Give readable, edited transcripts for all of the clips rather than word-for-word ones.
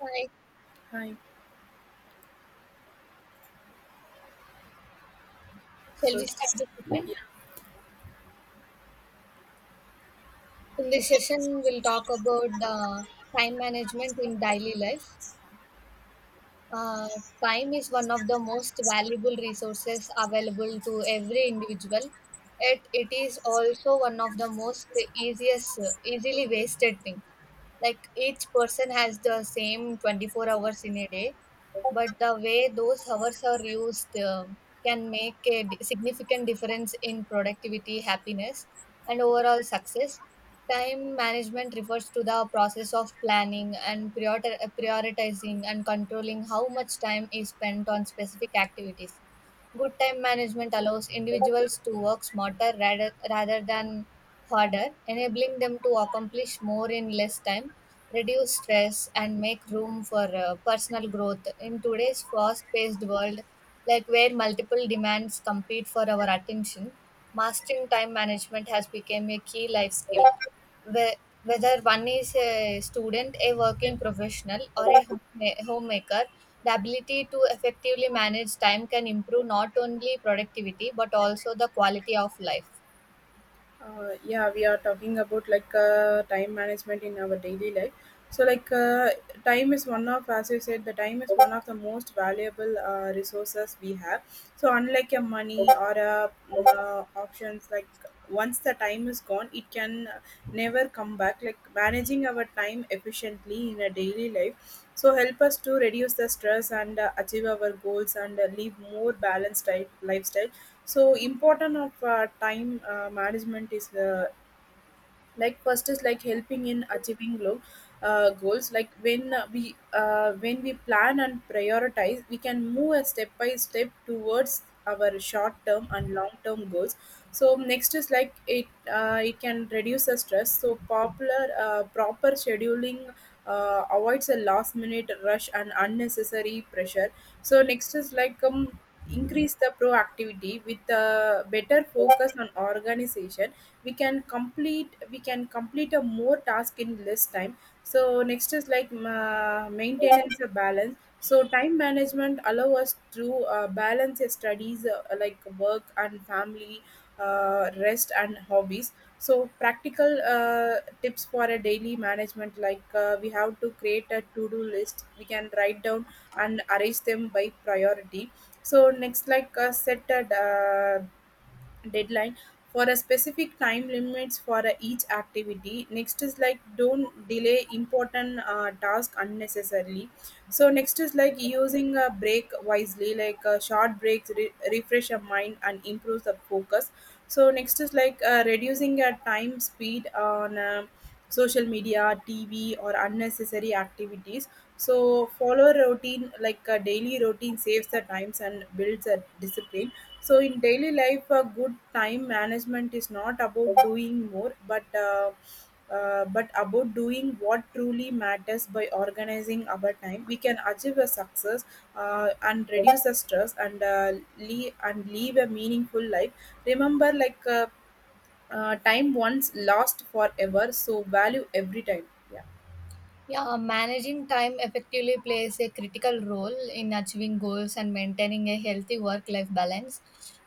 Hi, Hi. shall So, we start the session? yeah, In this session, we'll talk about the time management in daily life. Uh, Time is one of the most valuable resources available to every individual. Yet it is also one of the easily wasted thing. Like each person has the same 24 hours in a day, but the way those hours are used can make significant difference in productivity, happiness, and overall success. Time management refers to the process of planning and prioritizing and controlling how much time is spent on specific activities. Good time management allows individuals to work smarter rather than harder, enabling them to accomplish more in less time, reduce stress, and make room for personal growth. In today's fast paced world, like where multiple demands compete for our attention, mastering time management has become a key life skill. Whe- Whether one is a student, a working professional, or a homemaker, the ability to effectively manage time can improve not only productivity but also the quality of life. Yeah, we are talking about like time management in our daily life. So, time is one of, as you said, the time is one of the most valuable resources we have. So, unlike your money or options, like once the time is gone, it can never come back. Like managing our time efficiently in a daily life so help us to reduce the stress and achieve our goals and live more balanced type lifestyle so important of time management is like first is like helping in achieving low goals like when we plan and prioritize we can move a step by step towards our short term and long term goals so next is like it can reduce the stress so popular proper scheduling avoids a last minute rush and unnecessary pressure so next is like increase the proactivity with better focus on organization we can complete a more task in less time so next is like maintenance a balance so time management allow us to balance your studies like work and family rest and hobbies so practical tips for a daily management like we have to create a to-do list we can write down and arrange them by priority so next like set a uh, deadline for a specific time limits for each activity next is like don't delay important task unnecessarily so next is like using a break wisely like short breaks refresh your mind and improves the focus so next is like reducing your time speed on social media tv or unnecessary activities so follow routine like a daily routine saves the times and builds a discipline so in daily life, a good time management is not about doing more, but about doing what truly matters by organizing our time. We can achieve a success and reduce the stress and leave and live a meaningful life. Remember, time once lost forever, so value every time. Yeah. Yeah, managing time effectively plays a critical role in achieving goals and maintaining a healthy work life balance.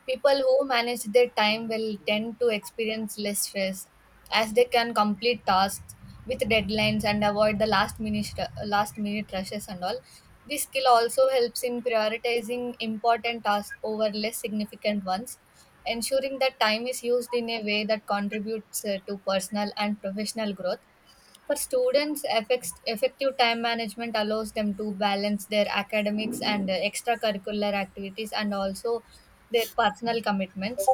People who manage their time will tend to experience less stress as they can complete tasks with deadlines and avoid the last minute rushes and all. This skill also helps in prioritizing important tasks over less significant ones, ensuring that time is used in a way that contributes to personal and professional growth for students, effective time management allows them to balance their academics and extracurricular activities and also their personal commitments.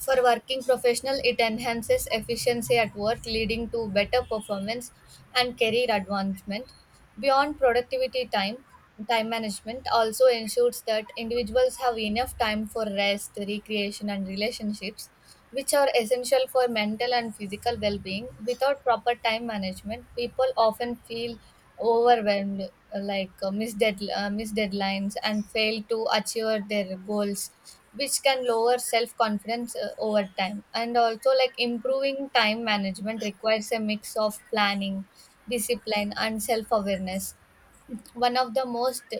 For working professional, it enhances efficiency at work, leading to better performance and career advancement. Beyond productivity time, time management also ensures that individuals have enough time for rest, recreation, and relationships, which are essential for mental and physical well being. Without proper time management, people often feel overwhelmed, miss deadlines, and fail to achieve their goals which can lower self confidence over time and also like improving time management requires a mix of planning discipline and self awareness one of the most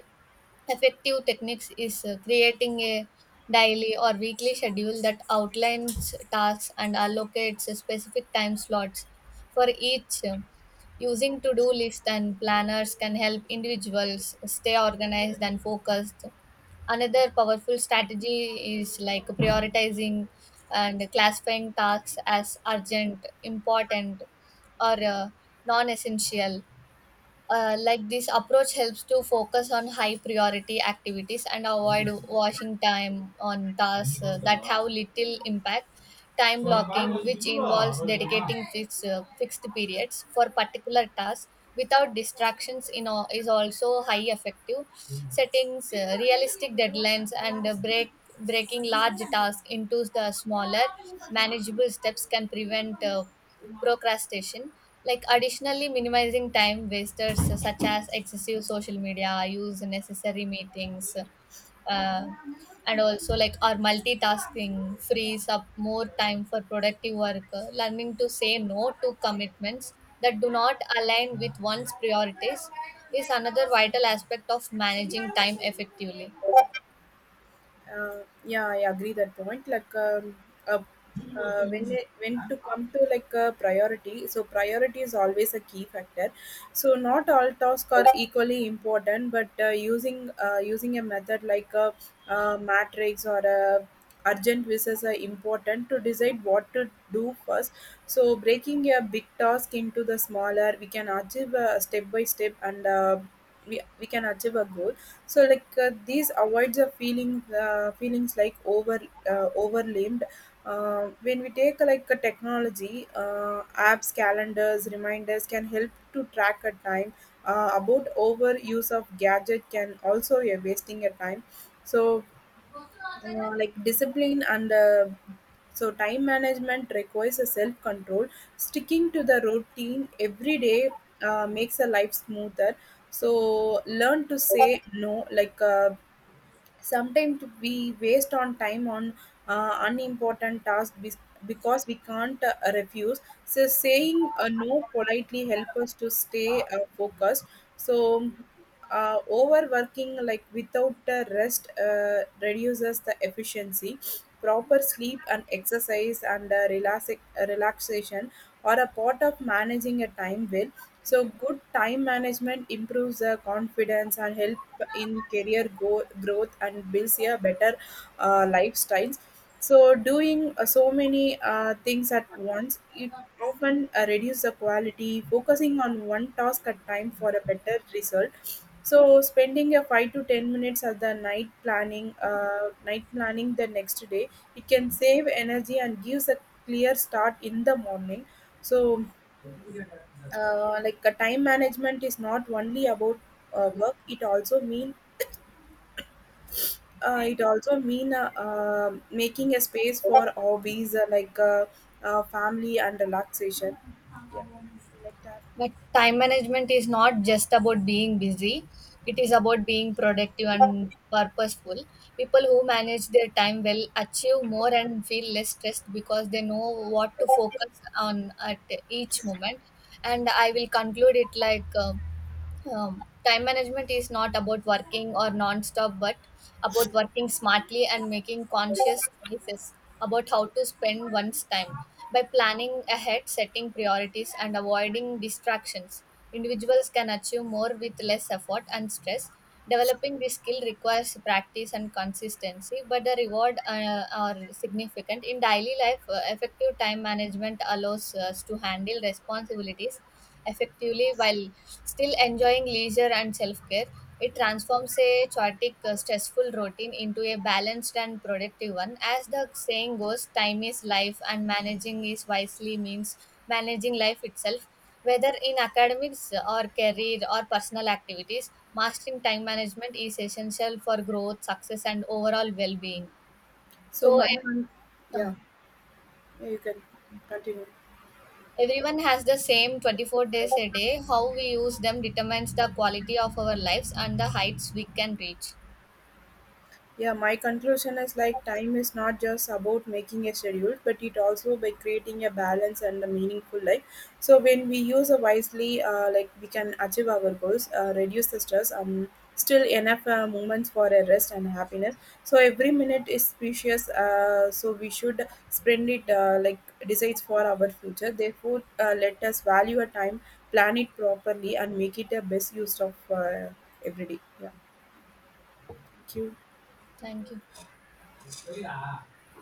effective techniques is creating a daily or weekly schedule that outlines tasks and allocates specific time slots for each. Using to do lists and planners can help individuals stay organized and focused. Another powerful strategy is like prioritizing and classifying tasks as urgent, important, or non essential like this approach helps to focus on high priority activities and avoid washing time on tasks that have little impact. Time blocking, which involves dedicating fixed periods for particular tasks without distractions, is also high effective. Settings realistic deadlines and breaking large tasks into the smaller manageable steps can prevent. Procrastination like additionally minimizing time wasters such as excessive social media use necessary meetings uh, and also like or multitasking frees up more time for productive work learning to say no to commitments that do not align with one's priorities is another vital aspect of managing time effectively. Yeah, I agree that point. Uh, when it, when to come to like a priority, so priority is always a key factor. So not all tasks are equally important, but using a method like a, matrix or a urgent versus a important to decide what to do first. So breaking a big task into the smaller, we can achieve a step by step and. We can achieve a goal so like these avoids a feelings like overwhelmed when we take like a technology apps calendars reminders can help to track a time about overuse of gadget can also be a wasting a time so like discipline and so time management requires a self control sticking to the routine every day makes a life smoother so learn to say no like sometimes we waste on time on unimportant tasks because we can't refuse so saying no politely help us to stay focused so overworking like without the rest reduces the efficiency proper sleep and exercise and relaxation are a part of managing a time well so good time management improves the confidence and help in career growth and builds a better lifestyles. So doing so many things at once, it often reduces the quality. Focusing on one task at time for a better result. So spending a 5 to 10 minutes at the night planning the next day, it can save energy and gives a clear start in the morning. So time management is not only about work it also mean making a space for hobbies family and relaxation yeah But time management is not just about being busy, it is about being productive and purposeful. People who manage their time well achieve more and feel less stressed because they know what to focus on at each moment. And I will conclude it like: time management is not about working or non-stop, but about working smartly and making conscious choices about how to spend one's time by planning ahead, setting priorities, and avoiding distractions. Individuals can achieve more with less effort and stress. Developing this skill requires practice and consistency, but the reward are significant. In daily life, effective time management allows us to handle responsibilities effectively while still enjoying leisure and self care. It transforms a chaotic, stressful routine into a balanced and productive one. As the saying goes, time is life, and managing is wisely means managing life itself. Whether in academics or career or personal activities, mastering time management is essential for growth, success, and overall well being. so So, my e- uh, yeah you can continue. Everyone has the same 24 days a day. How we use them determines the quality of our lives and the heights we can reach. Yeah, my conclusion is like time is not just about making a schedule, but it also by creating a balance and a meaningful life. So when we use it wisely, like we can achieve our goals, reduce the stress, still enough moments for a rest and happiness. So every minute is precious. So we should spend it like decides for our future. Therefore, let us value our time, plan it properly, and make it a best use of every day. Yeah, thank you. Thank you.